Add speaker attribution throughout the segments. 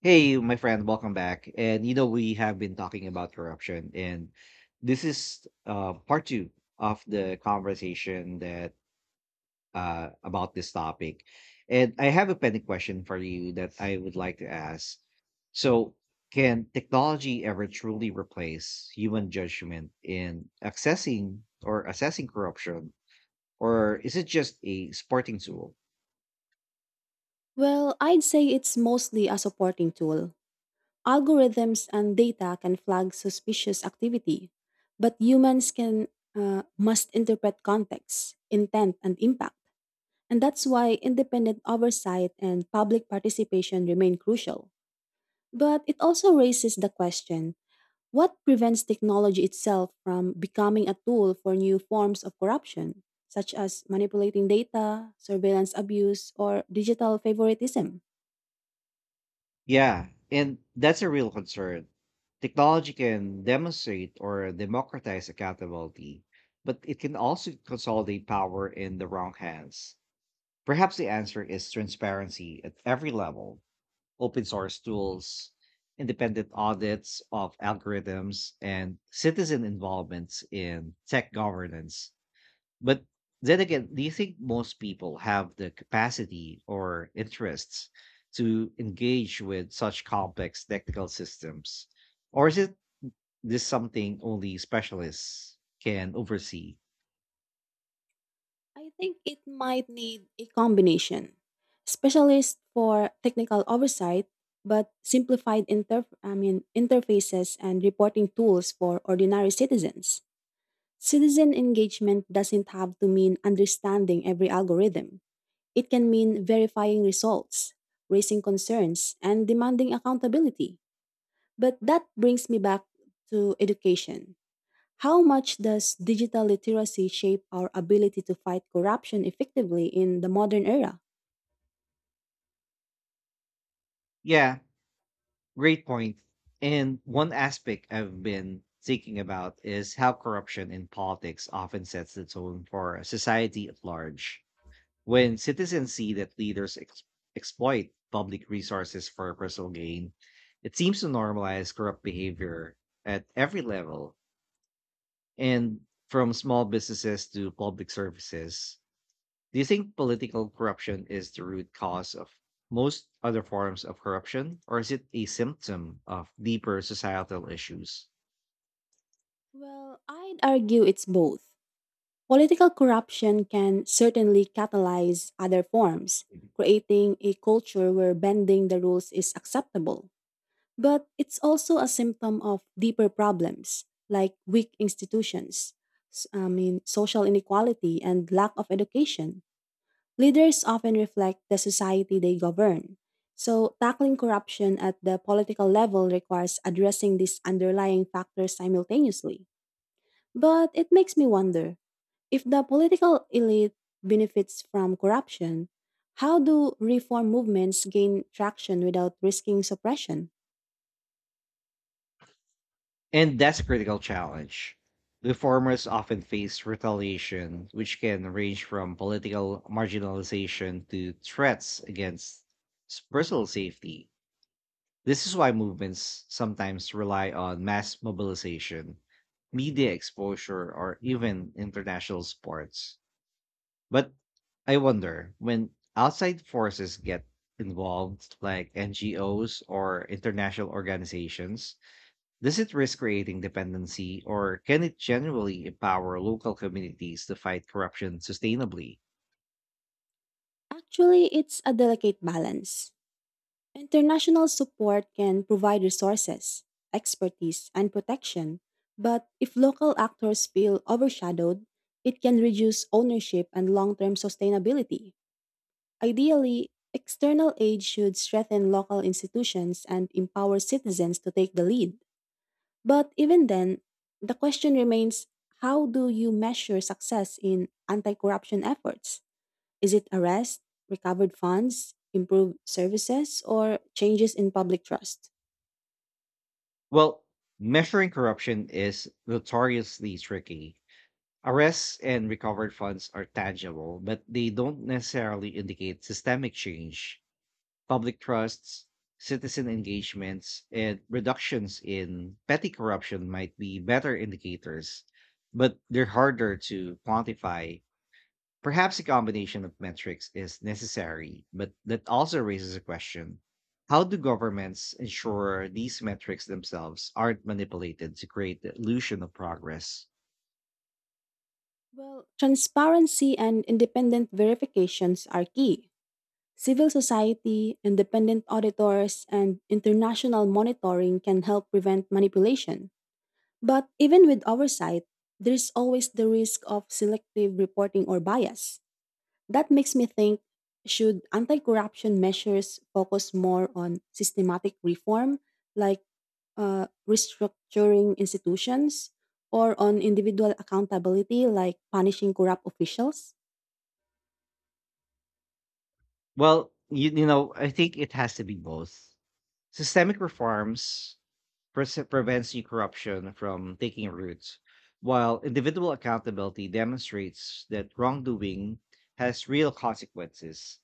Speaker 1: Hey, my friend, welcome back. We have been talking about corruption, and this is part two of the conversation that about this topic. And I have a pending question for you that I would like to ask. So, can technology ever truly replace human judgment in accessing or assessing corruption, or is it just a sporting tool?
Speaker 2: Well, I'd say it's mostly a supporting tool. Algorithms and data can flag suspicious activity, but humans can must interpret context, intent, and impact. And that's why independent oversight and public participation remain crucial. But it also raises the question, what prevents technology itself from becoming a tool for new forms of corruption, such as manipulating data, surveillance abuse, or digital favoritism?
Speaker 1: Yeah, and that's a real concern. Technology can demonstrate or democratize accountability, but it can also consolidate power in the wrong hands. Perhaps the answer is transparency at every level, open source tools, independent audits of algorithms, and citizen involvements in tech governance. But then again, do you think most people have the capacity or interests to engage with such complex technical systems? Or is it this something only specialists can oversee?
Speaker 2: I think it might need a combination. Specialists for technical oversight, but simplified interf I mean, interfaces and reporting tools for ordinary citizens. Citizen engagement doesn't have to mean understanding every algorithm. It can mean verifying results, raising concerns, and demanding accountability. But that brings me back to education. How much does digital literacy shape our ability to fight corruption effectively in the modern era?
Speaker 1: Yeah, great point. And one aspect I've been thinking about is how corruption in politics often sets the tone for society at large. When citizens see that leaders exploit public resources for personal gain, it seems to normalize corrupt behavior at every level and from small businesses to public services. Do you think political corruption is the root cause of most other forms of corruption, or is it a symptom of deeper societal issues?
Speaker 2: Well, I'd argue it's both. Political corruption can certainly catalyze other forms, creating a culture where bending the rules is acceptable. But it's also a symptom of deeper problems, like weak institutions, social inequality, and lack of education. Leaders often reflect the society they govern. So, tackling corruption at the political level requires addressing these underlying factors simultaneously. But it makes me wonder if the political elite benefits from corruption, how do reform movements gain traction without risking suppression?
Speaker 1: And that's a critical challenge. The farmers often face retaliation, which can range from political marginalization to threats against personal safety. This is why movements sometimes rely on mass mobilization, media exposure, or even international sports. But I wonder when outside forces get involved, like NGOs or international organizations, does it risk creating dependency, or can it generally empower local communities to fight corruption sustainably?
Speaker 2: Actually, it's a delicate balance. International support can provide resources, expertise, and protection, but if local actors feel overshadowed, it can reduce ownership and long term sustainability. Ideally, external aid should strengthen local institutions and empower citizens to take the lead. But even then, the question remains, how do you measure success in anti corruption efforts? Is it arrest, recovered funds, improved services, or changes in public trust?
Speaker 1: Well, measuring corruption is notoriously tricky. Arrests and recovered funds are tangible, but they don't necessarily indicate systemic change. Public trusts, citizen engagements, and reductions in petty corruption might be better indicators, but they're harder to quantify. Perhaps a combination of metrics is necessary, but that also raises a question. How do governments ensure these metrics themselves aren't manipulated to create the illusion of progress?
Speaker 2: Well, transparency and independent verifications are key. Civil society, independent auditors, and international monitoring can help prevent manipulation. But even with oversight, there's always the risk of selective reporting or bias. That makes me think, should anti corruption measures focus more on systematic reform, like restructuring institutions, or on individual accountability like punishing corrupt officials?
Speaker 1: Well, I think it has to be both. Systemic reforms prevents new corruption from taking root, while individual accountability demonstrates that wrongdoing has real consequences.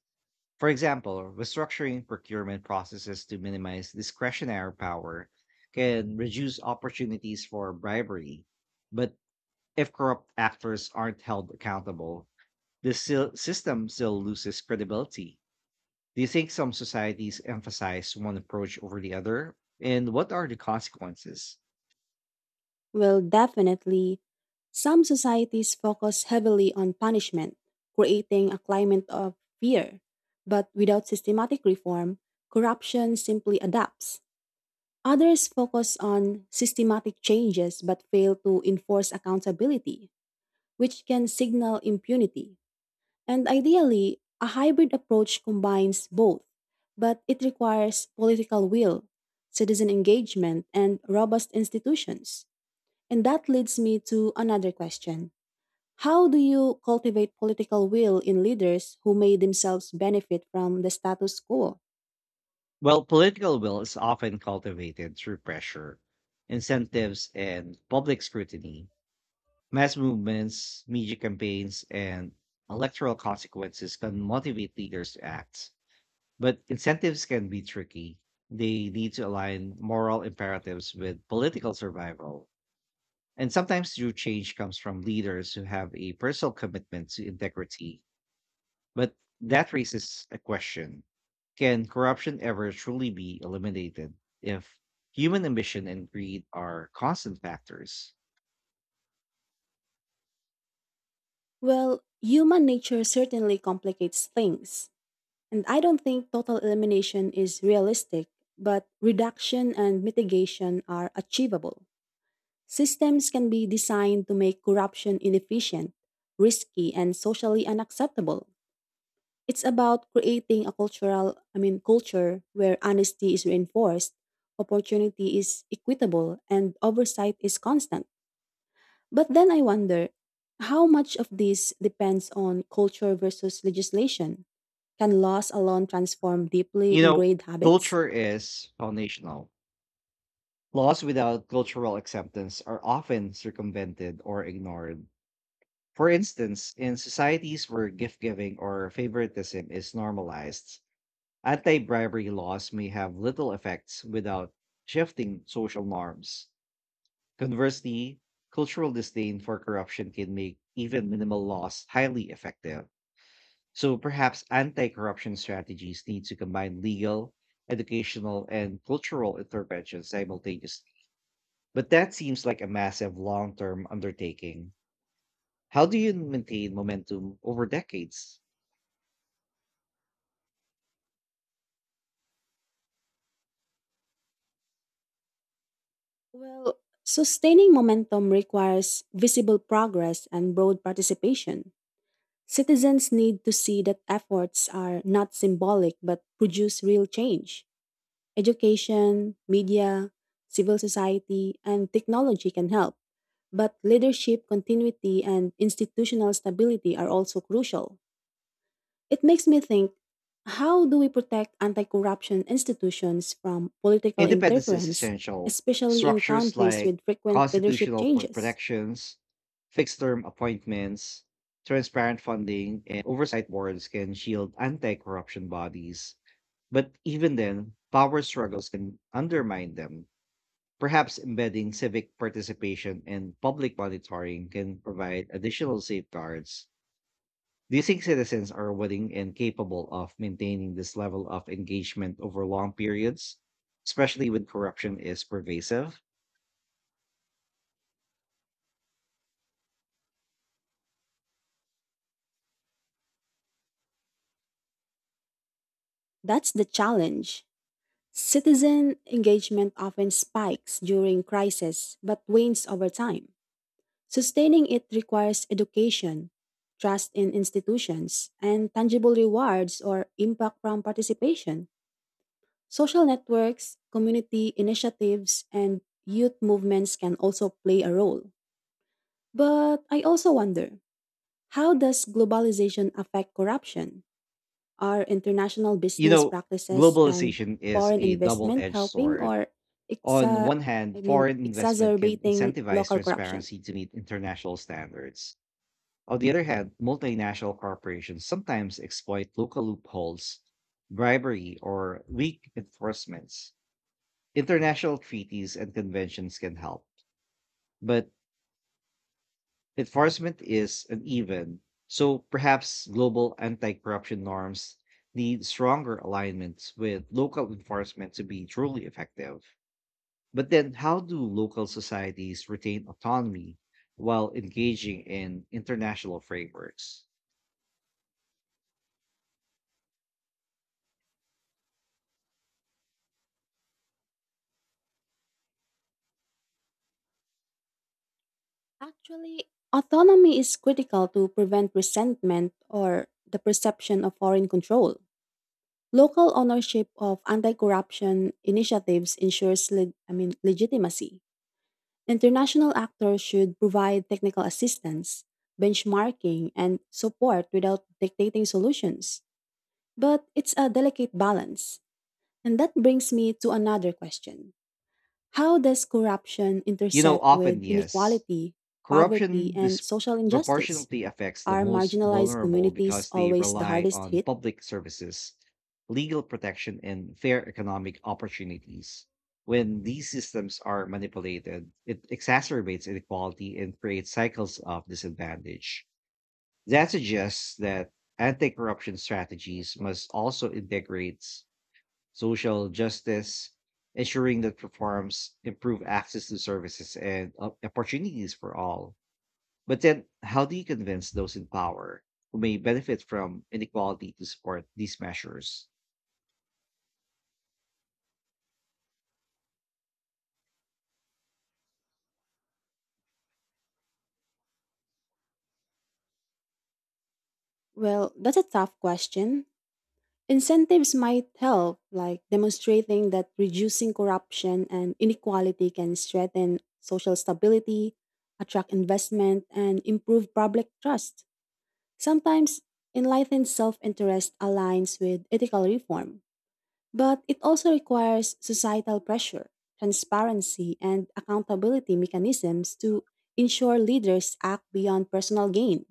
Speaker 1: For example, restructuring procurement processes to minimize discretionary power can reduce opportunities for bribery. But if corrupt actors aren't held accountable, the system still loses credibility. Do you think some societies emphasize one approach over the other? And what are the consequences?
Speaker 2: Well, definitely, some societies focus heavily on punishment, creating a climate of fear. But without systematic reform, corruption simply adapts. Others focus on systematic changes but fail to enforce accountability, which can signal impunity. And ideally, a hybrid approach combines both, but it requires political will, citizen engagement, and robust institutions. And that leads me to another question. How do you cultivate political will in leaders who may themselves benefit from the status quo?
Speaker 1: Well, political will is often cultivated through pressure, incentives, and public scrutiny. Mass movements, media campaigns, and electoral consequences can motivate leaders to act, but incentives can be tricky. They need to align moral imperatives with political survival. And sometimes true change comes from leaders who have a personal commitment to integrity. But that raises a question. Can corruption ever truly be eliminated if human ambition and greed are constant factors?
Speaker 2: Well, human nature certainly complicates things. And I don't think total elimination is realistic, but reduction and mitigation are achievable. Systems can be designed to make corruption inefficient, risky, and socially unacceptable. It's about creating a culture where honesty is reinforced, opportunity is equitable, and oversight is constant. But then I wonder, how much of this depends on culture versus legislation? Can laws alone transform deeply
Speaker 1: You know,
Speaker 2: ingrained habits?
Speaker 1: culture is foundational. Laws without cultural acceptance are often circumvented or ignored. For instance, in societies where gift giving or favoritism is normalized, anti bribery laws may have little effects without shifting social norms. Conversely, cultural disdain for corruption can make even minimal laws highly effective. So perhaps anti corruption strategies need to combine legal, educational, and cultural interventions simultaneously. But that seems like a massive long term undertaking. How do you maintain momentum over decades?
Speaker 2: Well, sustaining momentum requires visible progress and broad participation. Citizens need to see that efforts are not symbolic but produce real change. Education, media, civil society, and technology can help, but leadership continuity and institutional stability are also crucial. It makes me think, how do we protect anti corruption institutions from political
Speaker 1: Independence is
Speaker 2: interference,
Speaker 1: essential.
Speaker 2: especially in
Speaker 1: Structures
Speaker 2: countries
Speaker 1: like
Speaker 2: with frequent leadership
Speaker 1: constitutional
Speaker 2: changes?
Speaker 1: protections, fixed term appointments, transparent funding, and oversight boards can shield anti corruption bodies. But even then, power struggles can undermine them. Perhaps embedding civic participation and public monitoring can provide additional safeguards. Do you think citizens are willing and capable of maintaining this level of engagement over long periods, especially when corruption is pervasive?
Speaker 2: That's the challenge. Citizen engagement often spikes during crisis but wanes over time. Sustaining it requires education, trust in institutions, and tangible rewards or impact from participation. Social networks, community initiatives, and youth movements can also play a role. But I also wonder, how does globalization affect corruption? Are international
Speaker 1: You
Speaker 2: business
Speaker 1: know,
Speaker 2: practices and
Speaker 1: globalization is
Speaker 2: foreign
Speaker 1: a double
Speaker 2: investment
Speaker 1: edged
Speaker 2: helping
Speaker 1: sword.
Speaker 2: or
Speaker 1: On
Speaker 2: exa-
Speaker 1: one hand, foreign investment can
Speaker 2: exacerbating
Speaker 1: incentivize
Speaker 2: local corruption?
Speaker 1: transparency to meet international standards. On the other hand, multinational corporations sometimes exploit local loopholes, bribery, or weak enforcements. International treaties and conventions can help, but enforcement is uneven, so perhaps global anti corruption norms need stronger alignments with local enforcement to be truly effective. But then, how do local societies retain autonomy while engaging in international frameworks?
Speaker 2: Actually, autonomy is critical to prevent resentment or the perception of foreign control. Local ownership of anti-corruption initiatives ensures legitimacy. International actors should provide technical assistance, benchmarking, and support without dictating solutions. But it's a delicate balance. And that brings me to another question. How does corruption
Speaker 1: You know,
Speaker 2: intersect
Speaker 1: often,
Speaker 2: with
Speaker 1: yes,
Speaker 2: inequality, poverty,
Speaker 1: corruption
Speaker 2: and social injustice?
Speaker 1: disproportionately affects the
Speaker 2: Are
Speaker 1: most
Speaker 2: marginalized
Speaker 1: vulnerable
Speaker 2: communities
Speaker 1: because they
Speaker 2: always the
Speaker 1: rely
Speaker 2: hardest
Speaker 1: on
Speaker 2: hit?
Speaker 1: public services, legal protection, and fair economic opportunities. When these systems are manipulated, it exacerbates inequality and creates cycles of disadvantage. That suggests that anti corruption strategies must also integrate social justice, ensuring that reforms improve access to services and opportunities for all. But then, how do you convince those in power who may benefit from inequality to support these measures?
Speaker 2: Well, that's a tough question. Incentives might help, like demonstrating that reducing corruption and inequality can strengthen social stability, attract investment, and improve public trust. Sometimes enlightened self interest aligns with ethical reform, but it also requires societal pressure, transparency, and accountability mechanisms to ensure leaders act beyond personal gain.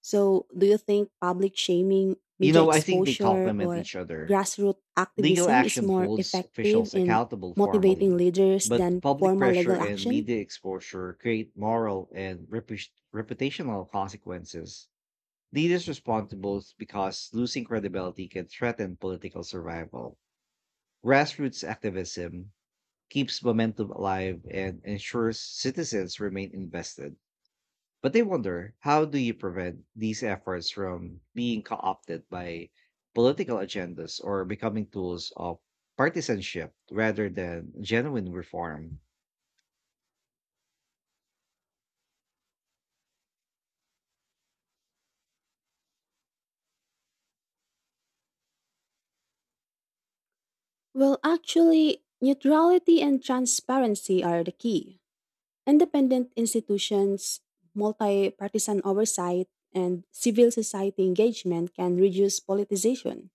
Speaker 2: So, do you think public shaming,
Speaker 1: You
Speaker 2: media
Speaker 1: know, I think they
Speaker 2: exposure,
Speaker 1: complement
Speaker 2: or
Speaker 1: each other.
Speaker 2: grassroots
Speaker 1: Legal
Speaker 2: activism is
Speaker 1: action
Speaker 2: more
Speaker 1: holds
Speaker 2: effective
Speaker 1: officials
Speaker 2: in
Speaker 1: accountable
Speaker 2: motivating
Speaker 1: formally,
Speaker 2: leaders
Speaker 1: but
Speaker 2: than
Speaker 1: public
Speaker 2: formal
Speaker 1: pressure
Speaker 2: legal
Speaker 1: and
Speaker 2: action?
Speaker 1: media exposure create moral and reputational consequences. Leaders respond to both because losing credibility can threaten political survival. Grassroots activism keeps momentum alive and ensures citizens remain invested. But they wonder, how do you prevent these efforts from being co-opted by political agendas or becoming tools of partisanship rather than genuine reform?
Speaker 2: Well, actually, neutrality and transparency are the key. Independent institutions, multi partisan oversight, and civil society engagement can reduce politicization.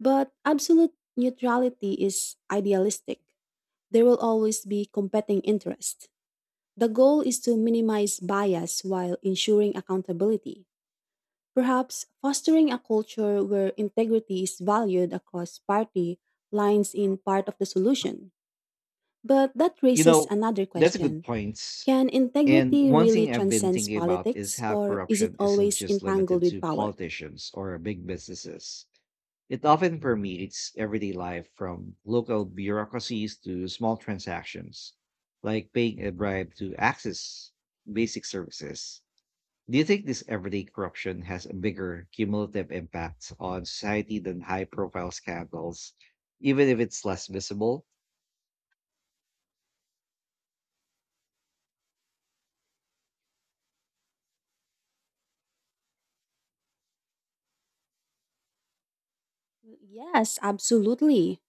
Speaker 2: But absolute neutrality is idealistic. There will always be competing interests. The goal is to minimize bias while ensuring accountability. Perhaps fostering a culture where integrity is valued across party lines in part of the solution. But that
Speaker 1: You
Speaker 2: raises
Speaker 1: know,
Speaker 2: another
Speaker 1: that's a good
Speaker 2: question.
Speaker 1: point.
Speaker 2: Can
Speaker 1: And
Speaker 2: integrity
Speaker 1: one
Speaker 2: really
Speaker 1: thing I've been
Speaker 2: transcend
Speaker 1: thinking about is
Speaker 2: politics,
Speaker 1: how
Speaker 2: or is it
Speaker 1: corruption isn't
Speaker 2: always
Speaker 1: just limited
Speaker 2: entangled with
Speaker 1: to
Speaker 2: power?
Speaker 1: politicians or big businesses. It often permeates everyday life from local bureaucracies to small transactions, like paying a bribe to access basic services. Do you think this everyday corruption has a bigger cumulative impact on society than high profile scandals, even if it's less visible?
Speaker 2: Yes, absolutely.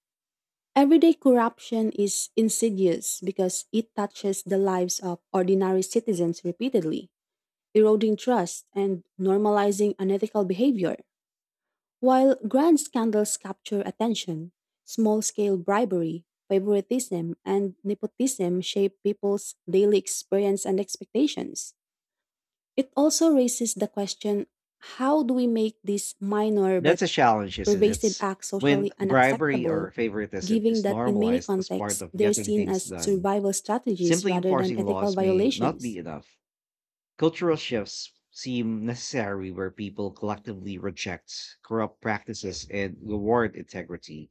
Speaker 2: Everyday corruption is insidious because it touches the lives of ordinary citizens repeatedly, eroding trust and normalizing unethical behavior. While grand scandals capture attention, small scale bribery, favoritism, and nepotism shape people's daily experience and expectations. It also raises the question, how do we make these minor
Speaker 1: That's
Speaker 2: but
Speaker 1: a challenge, isn't
Speaker 2: pervasive
Speaker 1: it?
Speaker 2: acts
Speaker 1: When
Speaker 2: socially
Speaker 1: bribery
Speaker 2: unacceptable,
Speaker 1: or favoritism
Speaker 2: given
Speaker 1: is
Speaker 2: that in many
Speaker 1: normalized as part
Speaker 2: contexts
Speaker 1: of
Speaker 2: they're
Speaker 1: getting
Speaker 2: seen
Speaker 1: things
Speaker 2: as
Speaker 1: done,
Speaker 2: survival strategies
Speaker 1: simply
Speaker 2: rather than
Speaker 1: enforcing
Speaker 2: ethical
Speaker 1: laws may not be
Speaker 2: violations?
Speaker 1: enough. Cultural shifts seem necessary where people collectively reject corrupt practices and reward integrity.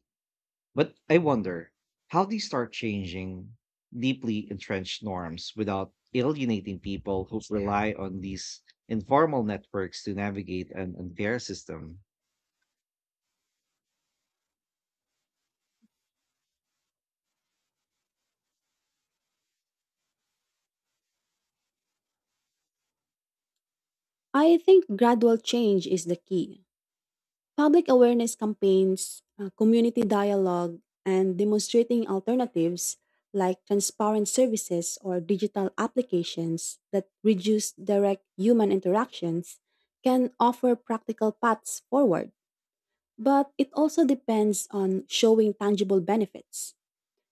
Speaker 1: But I wonder how they start changing deeply entrenched norms without alienating people who rely on these informal networks to navigate an unfair system.
Speaker 2: I think gradual change is the key. Public awareness campaigns, community dialogue, and demonstrating alternatives like transparent services or digital applications that reduce direct human interactions can offer practical paths forward. But it also depends on showing tangible benefits.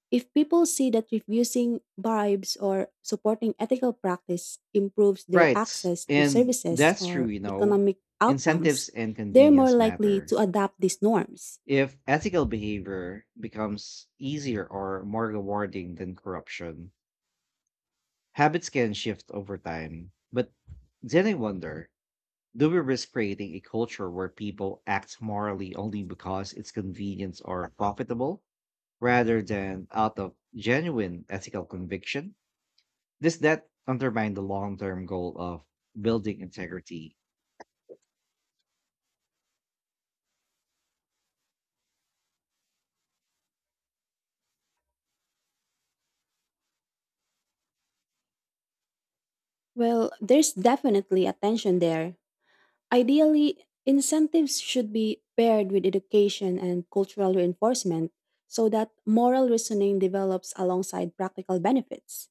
Speaker 2: If people see that refusing bribes or supporting ethical practice improves their
Speaker 1: Right.
Speaker 2: access to
Speaker 1: And
Speaker 2: services
Speaker 1: that's true,
Speaker 2: or
Speaker 1: you know.
Speaker 2: economic
Speaker 1: Incentives
Speaker 2: outcomes,
Speaker 1: and
Speaker 2: they're more
Speaker 1: convenience
Speaker 2: likely
Speaker 1: matter.
Speaker 2: to adopt these norms.
Speaker 1: If ethical behavior becomes easier or more rewarding than corruption, habits can shift over time. But then I wonder, do we risk creating a culture where people act morally only because it's convenient or profitable rather than out of genuine ethical conviction? Does that undermine the long term goal of building integrity?
Speaker 2: Well, there's definitely a tension there. Ideally, incentives should be paired with education and cultural reinforcement so that moral reasoning develops alongside practical benefits.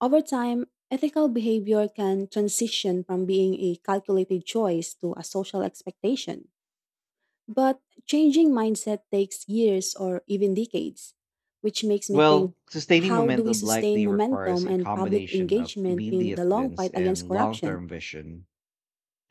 Speaker 2: Over time, ethical behavior can transition from being a calculated choice to a social expectation. But changing mindset takes years or even decades, which makes me think,
Speaker 1: Well, sustaining
Speaker 2: how do we
Speaker 1: momentum
Speaker 2: sustain
Speaker 1: likely requires
Speaker 2: momentum
Speaker 1: a
Speaker 2: and public
Speaker 1: combination of
Speaker 2: engagement in the
Speaker 1: immediate
Speaker 2: long
Speaker 1: wins
Speaker 2: fight against
Speaker 1: and long
Speaker 2: corruption?
Speaker 1: term vision,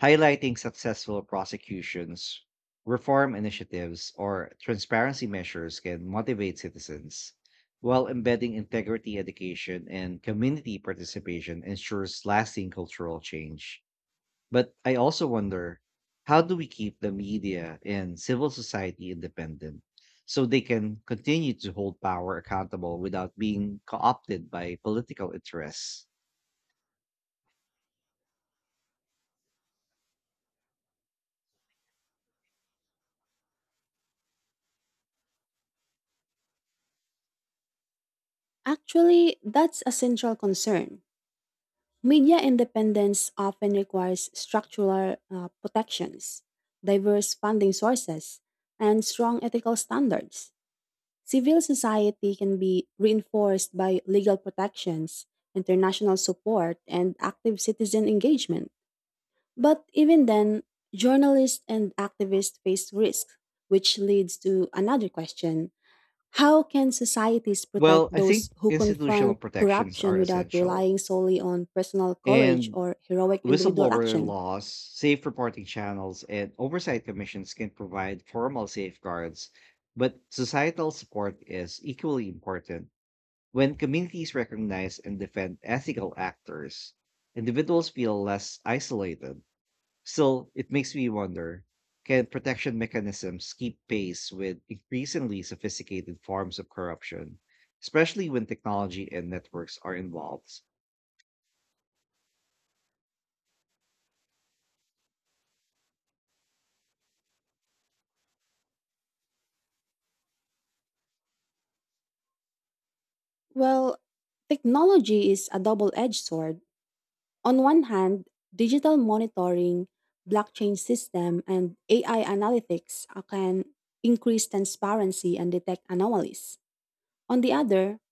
Speaker 1: highlighting successful prosecutions, reform initiatives, or transparency measures can motivate citizens, while embedding integrity education and community participation ensures lasting cultural change. But I also wonder, how do we keep the media and civil society independent so they can continue to hold power accountable without being co opted by political interests?
Speaker 2: Actually, that's a central concern. Media independence often requires structural protections, diverse funding sources, and strong ethical standards. Civil society can be reinforced by legal protections, international support, and active citizen engagement. But even then, journalists and activists face risks, which leads to another question. How can societies protect
Speaker 1: Well, I
Speaker 2: those
Speaker 1: think
Speaker 2: who
Speaker 1: institutional
Speaker 2: confront
Speaker 1: protections
Speaker 2: corruption
Speaker 1: are
Speaker 2: without
Speaker 1: essential,
Speaker 2: relying solely on personal courage
Speaker 1: and
Speaker 2: or heroic individual
Speaker 1: whistleblower
Speaker 2: action?
Speaker 1: laws, safe reporting channels, and oversight commissions can provide formal safeguards, but societal support is equally important. When communities recognize and defend ethical actors, individuals feel less isolated. Still, it makes me wonder, can protection mechanisms keep pace with increasingly sophisticated forms of corruption, especially when technology and networks are involved?
Speaker 2: Well, technology is a double edged sword. On one hand, digital monitoring, blockchain system, and AI analytics can increase transparency and detect anomalies. On the other,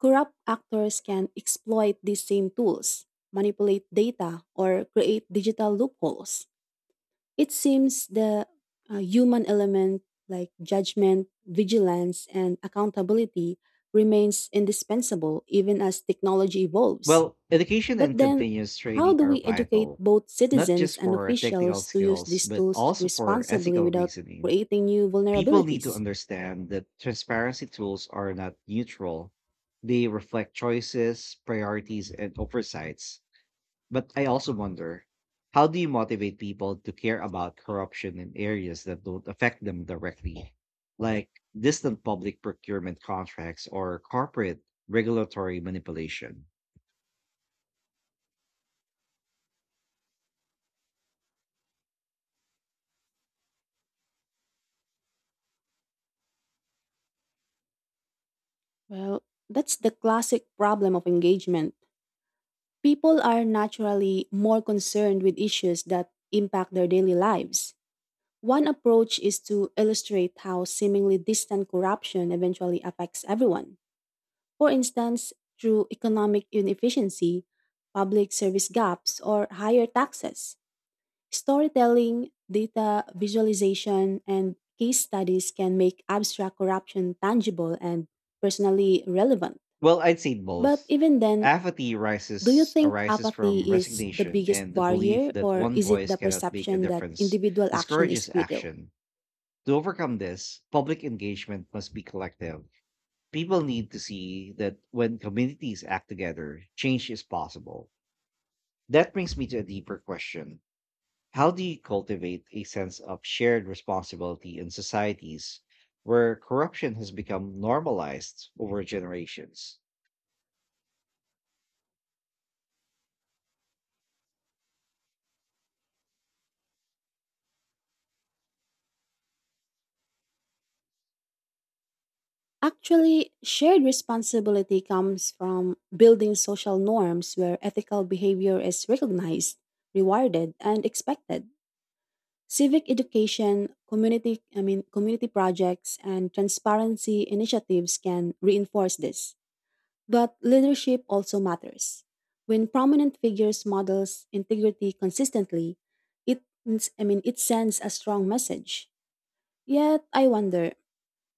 Speaker 2: corrupt actors can exploit these same tools, manipulate data, or create digital loopholes. It seems the human element like judgment, vigilance, and accountability remains indispensable even as technology evolves.
Speaker 1: Well, education
Speaker 2: But
Speaker 1: and
Speaker 2: then,
Speaker 1: continuous
Speaker 2: how
Speaker 1: training
Speaker 2: do
Speaker 1: are
Speaker 2: we educate
Speaker 1: vital,
Speaker 2: both
Speaker 1: not
Speaker 2: citizens
Speaker 1: just
Speaker 2: and
Speaker 1: for technical
Speaker 2: officials to use
Speaker 1: skills,
Speaker 2: these
Speaker 1: but
Speaker 2: tools
Speaker 1: also for
Speaker 2: responsibly
Speaker 1: ethical
Speaker 2: without
Speaker 1: reasoning.
Speaker 2: creating new
Speaker 1: People need to
Speaker 2: vulnerabilities?
Speaker 1: understand that transparency tools are not neutral. They reflect choices, priorities, and oversights. But I also wonder, how do you motivate people to care about corruption in areas that don't affect them directly, like distant public procurement contracts or corporate regulatory manipulation?
Speaker 2: Well, that's the classic problem of engagement. People are naturally more concerned with issues that impact their daily lives. One approach is to illustrate how seemingly distant corruption eventually affects everyone. For instance, through economic inefficiency, public service gaps, or higher taxes. Storytelling, data visualization, and case studies can make abstract corruption tangible and personally relevant.
Speaker 1: Well, I'd say
Speaker 2: But
Speaker 1: both.
Speaker 2: even then,
Speaker 1: Apathy
Speaker 2: do you
Speaker 1: rises
Speaker 2: think
Speaker 1: arises from
Speaker 2: apathy is the
Speaker 1: resignation
Speaker 2: biggest
Speaker 1: and the belief
Speaker 2: barrier,
Speaker 1: that
Speaker 2: or
Speaker 1: one
Speaker 2: is it
Speaker 1: voice
Speaker 2: the
Speaker 1: cannot make a
Speaker 2: perception that
Speaker 1: difference
Speaker 2: individual action is
Speaker 1: discourages
Speaker 2: futile?
Speaker 1: action. To overcome this, public engagement must be collective. People need to see that when communities act together, change is possible. That brings me to a deeper question. How do you cultivate a sense of shared responsibility in societies where corruption has become normalized over generations?
Speaker 2: Actually, shared responsibility comes from building social norms where ethical behavior is recognized, rewarded, and expected. Civic education, community I mean community projects and transparency initiatives can reinforce this. But leadership also matters. When prominent figures models integrity consistently, it I mean it sends a strong message. Yet I wonder,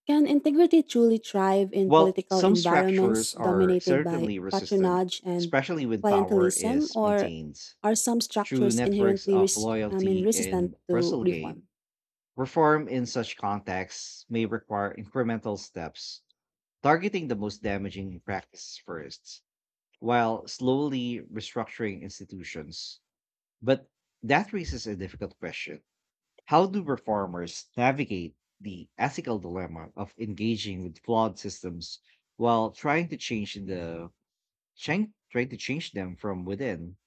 Speaker 2: can integrity truly thrive in
Speaker 1: Well,
Speaker 2: political
Speaker 1: some
Speaker 2: environments
Speaker 1: structures are
Speaker 2: dominated by
Speaker 1: certainly resistant,
Speaker 2: patronage and
Speaker 1: especially when power
Speaker 2: clientelism,
Speaker 1: is
Speaker 2: or
Speaker 1: maintained.
Speaker 2: are some
Speaker 1: True
Speaker 2: structures
Speaker 1: networks
Speaker 2: inherently
Speaker 1: of
Speaker 2: res- I mean
Speaker 1: loyalty
Speaker 2: resistant
Speaker 1: and
Speaker 2: to
Speaker 1: personal gain.
Speaker 2: reform?
Speaker 1: Reform in such contexts may require incremental steps, targeting the most damaging practices first, while slowly restructuring institutions. But that raises a difficult question, how do reformers navigate the ethical dilemma of engaging with flawed systems while trying to change the trying to change them from within?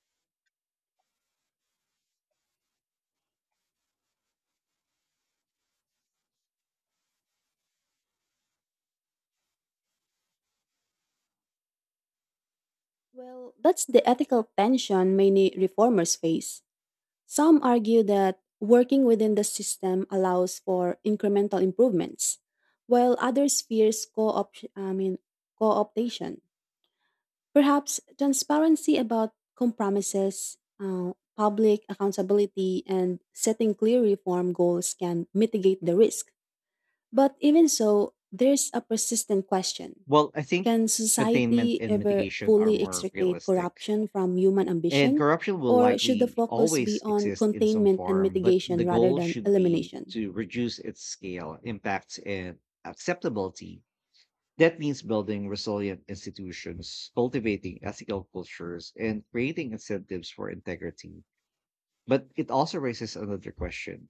Speaker 2: Well, that's the ethical tension many reformers face. Some argue that working within the system allows for incremental improvements, while others fears co-optation. Perhaps transparency about compromises, public accountability, and setting clear reform goals can mitigate the risk. But even so, there's a persistent question.
Speaker 1: Well, I think
Speaker 2: Can
Speaker 1: containment
Speaker 2: society
Speaker 1: and
Speaker 2: ever
Speaker 1: mitigation are
Speaker 2: fully
Speaker 1: more
Speaker 2: extricate
Speaker 1: realistic.
Speaker 2: corruption from human
Speaker 1: And
Speaker 2: ambition,
Speaker 1: corruption will
Speaker 2: or should the
Speaker 1: likely
Speaker 2: focus be
Speaker 1: always
Speaker 2: on
Speaker 1: exist in some
Speaker 2: containment and
Speaker 1: form, but
Speaker 2: mitigation
Speaker 1: the
Speaker 2: rather
Speaker 1: goal
Speaker 2: than
Speaker 1: should be
Speaker 2: elimination?
Speaker 1: to reduce its scale, impacts, and acceptability. That means building resilient institutions, cultivating ethical cultures, and creating incentives for integrity. But it also raises another question.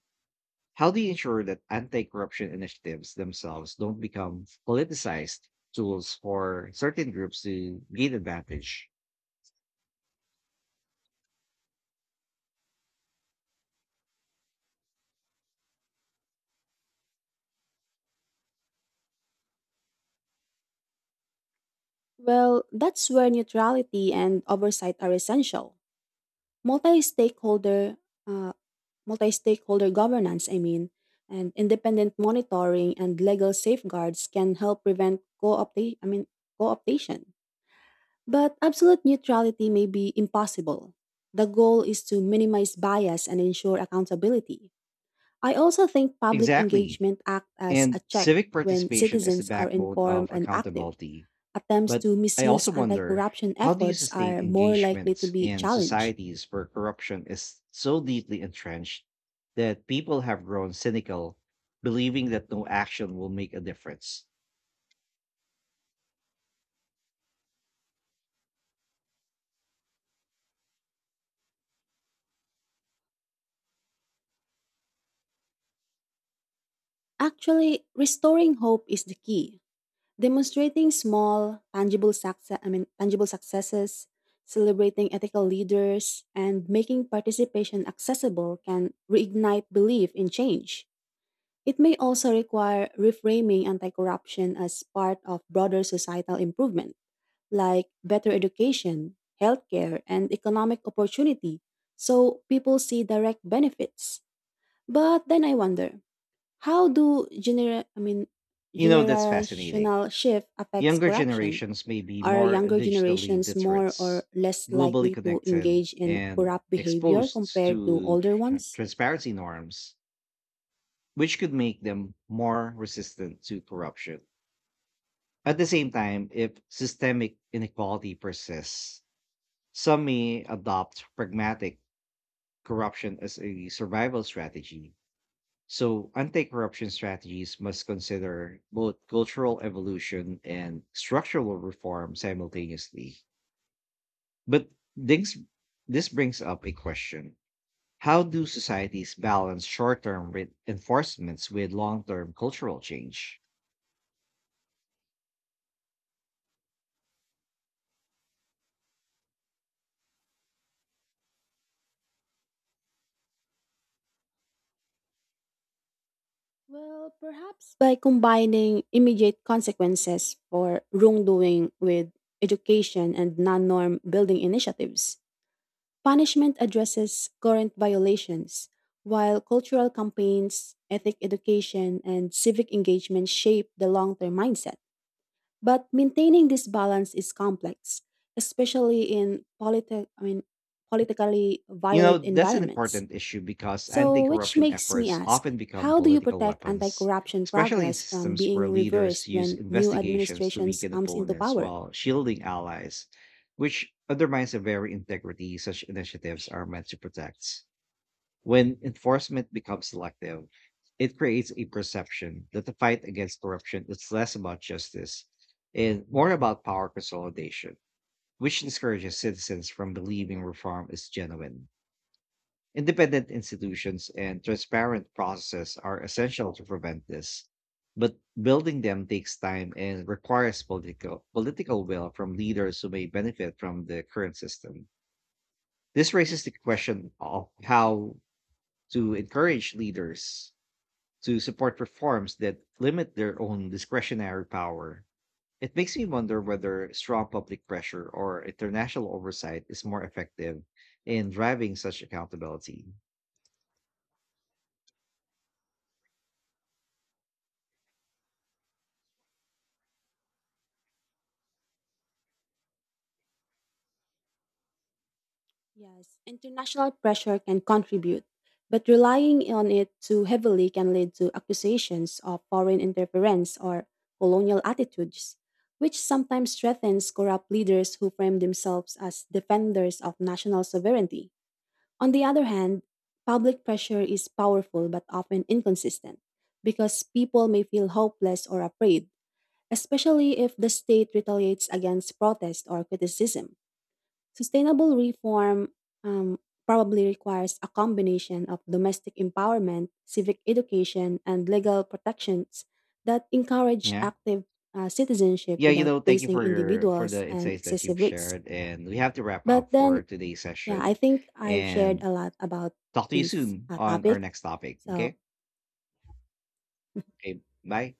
Speaker 1: How do you ensure that anti corruption initiatives themselves don't become politicized tools for certain groups to gain advantage?
Speaker 2: Well, that's where neutrality and oversight are essential. Multi-stakeholder, uh, Multi-stakeholder governance, and independent monitoring and legal safeguards can help prevent co-optation. But absolute neutrality may be impossible. The goal is to minimize bias and ensure accountability. I also think public
Speaker 1: Exactly.
Speaker 2: engagement acts as
Speaker 1: And
Speaker 2: a check
Speaker 1: civic
Speaker 2: when
Speaker 1: participation is the
Speaker 2: citizens are
Speaker 1: backbone
Speaker 2: informed
Speaker 1: of
Speaker 2: and active.
Speaker 1: accountability.
Speaker 2: Attempts
Speaker 1: But
Speaker 2: to
Speaker 1: I
Speaker 2: misuse
Speaker 1: also
Speaker 2: anti
Speaker 1: wonder,
Speaker 2: corruption
Speaker 1: how do you
Speaker 2: efforts
Speaker 1: sustain
Speaker 2: are more likely to
Speaker 1: engagement
Speaker 2: be
Speaker 1: in
Speaker 2: challenged.
Speaker 1: societies where corruption is so deeply entrenched that people have grown cynical, believing that no action will make a difference?
Speaker 2: Actually, restoring hope is the key. Demonstrating small, tangible success, I mean, tangible successes, celebrating ethical leaders, and making participation accessible can reignite belief in change. It may also require reframing anti corruption as part of broader societal improvement, like better education, healthcare, and economic opportunity, so people see direct benefits. But then I wonder, how do
Speaker 1: You know, that's fascinating.
Speaker 2: generational shift affects
Speaker 1: Younger
Speaker 2: corruption?
Speaker 1: generations may be
Speaker 2: Are
Speaker 1: more
Speaker 2: younger
Speaker 1: digitally
Speaker 2: generations
Speaker 1: literate,
Speaker 2: more or less
Speaker 1: globally
Speaker 2: likely to
Speaker 1: connected,
Speaker 2: engage in
Speaker 1: and
Speaker 2: corrupt behavior
Speaker 1: exposed
Speaker 2: compared to
Speaker 1: to
Speaker 2: older ones?
Speaker 1: transparency norms, which could make them more resistant to corruption. At the same time, if systemic inequality persists, some may adopt pragmatic corruption as a survival strategy. So, anti corruption strategies must consider both cultural evolution and structural reform simultaneously. But this brings up a question. How do societies balance short term reinforcements with long term cultural change?
Speaker 2: Well, perhaps by combining immediate consequences for wrongdoing with education and non-norm building initiatives. Punishment addresses current violations, while cultural campaigns, ethic education, and civic engagement shape the long-term mindset. But maintaining this balance is complex, especially in politically
Speaker 1: You know,
Speaker 2: violent
Speaker 1: that's an
Speaker 2: environments.
Speaker 1: important issue because anti
Speaker 2: So, which
Speaker 1: corruption
Speaker 2: makes me
Speaker 1: efforts
Speaker 2: ask,
Speaker 1: often become
Speaker 2: how do you
Speaker 1: political
Speaker 2: protect anti
Speaker 1: weapons,
Speaker 2: corruption
Speaker 1: especially in
Speaker 2: progress from
Speaker 1: systems where
Speaker 2: being
Speaker 1: leaders
Speaker 2: reversed
Speaker 1: use
Speaker 2: when new
Speaker 1: investigations to
Speaker 2: administrations
Speaker 1: weaken
Speaker 2: comes into
Speaker 1: opponents
Speaker 2: power?
Speaker 1: while shielding allies, which undermines the very integrity such initiatives are meant to protect. When enforcement becomes selective, it creates a perception that the fight against corruption is less about justice and more about power consolidation, which discourages citizens from believing reform is genuine. Independent institutions and transparent processes are essential to prevent this, but building them takes time and requires political will from leaders who may benefit from the current system. This raises the question of how to encourage leaders to support reforms that limit their own discretionary power. It makes me wonder whether strong public pressure or international oversight is more effective in driving such accountability.
Speaker 2: Yes, international pressure can contribute, but relying on it too heavily can lead to accusations of foreign interference or colonial attitudes, which sometimes threatens corrupt leaders who frame themselves as defenders of national sovereignty. On the other hand, public pressure is powerful but often inconsistent because people may feel hopeless or afraid, especially if the state retaliates against protest or criticism. Sustainable reform um, probably requires a combination of domestic empowerment, civic education, and legal protections that encourage
Speaker 1: Yeah.
Speaker 2: active citizenship
Speaker 1: Yeah, you
Speaker 2: without
Speaker 1: know, thank you
Speaker 2: placing
Speaker 1: for
Speaker 2: individuals
Speaker 1: the
Speaker 2: and
Speaker 1: insights that you've
Speaker 2: excessive risk.
Speaker 1: shared. And we have to wrap up
Speaker 2: But
Speaker 1: for
Speaker 2: then,
Speaker 1: today's
Speaker 2: yeah, I
Speaker 1: session
Speaker 2: think I've shared
Speaker 1: and
Speaker 2: a lot about
Speaker 1: talk to you
Speaker 2: this
Speaker 1: soon on our
Speaker 2: topic.
Speaker 1: next topic.
Speaker 2: So,
Speaker 1: Okay. Okay. Bye.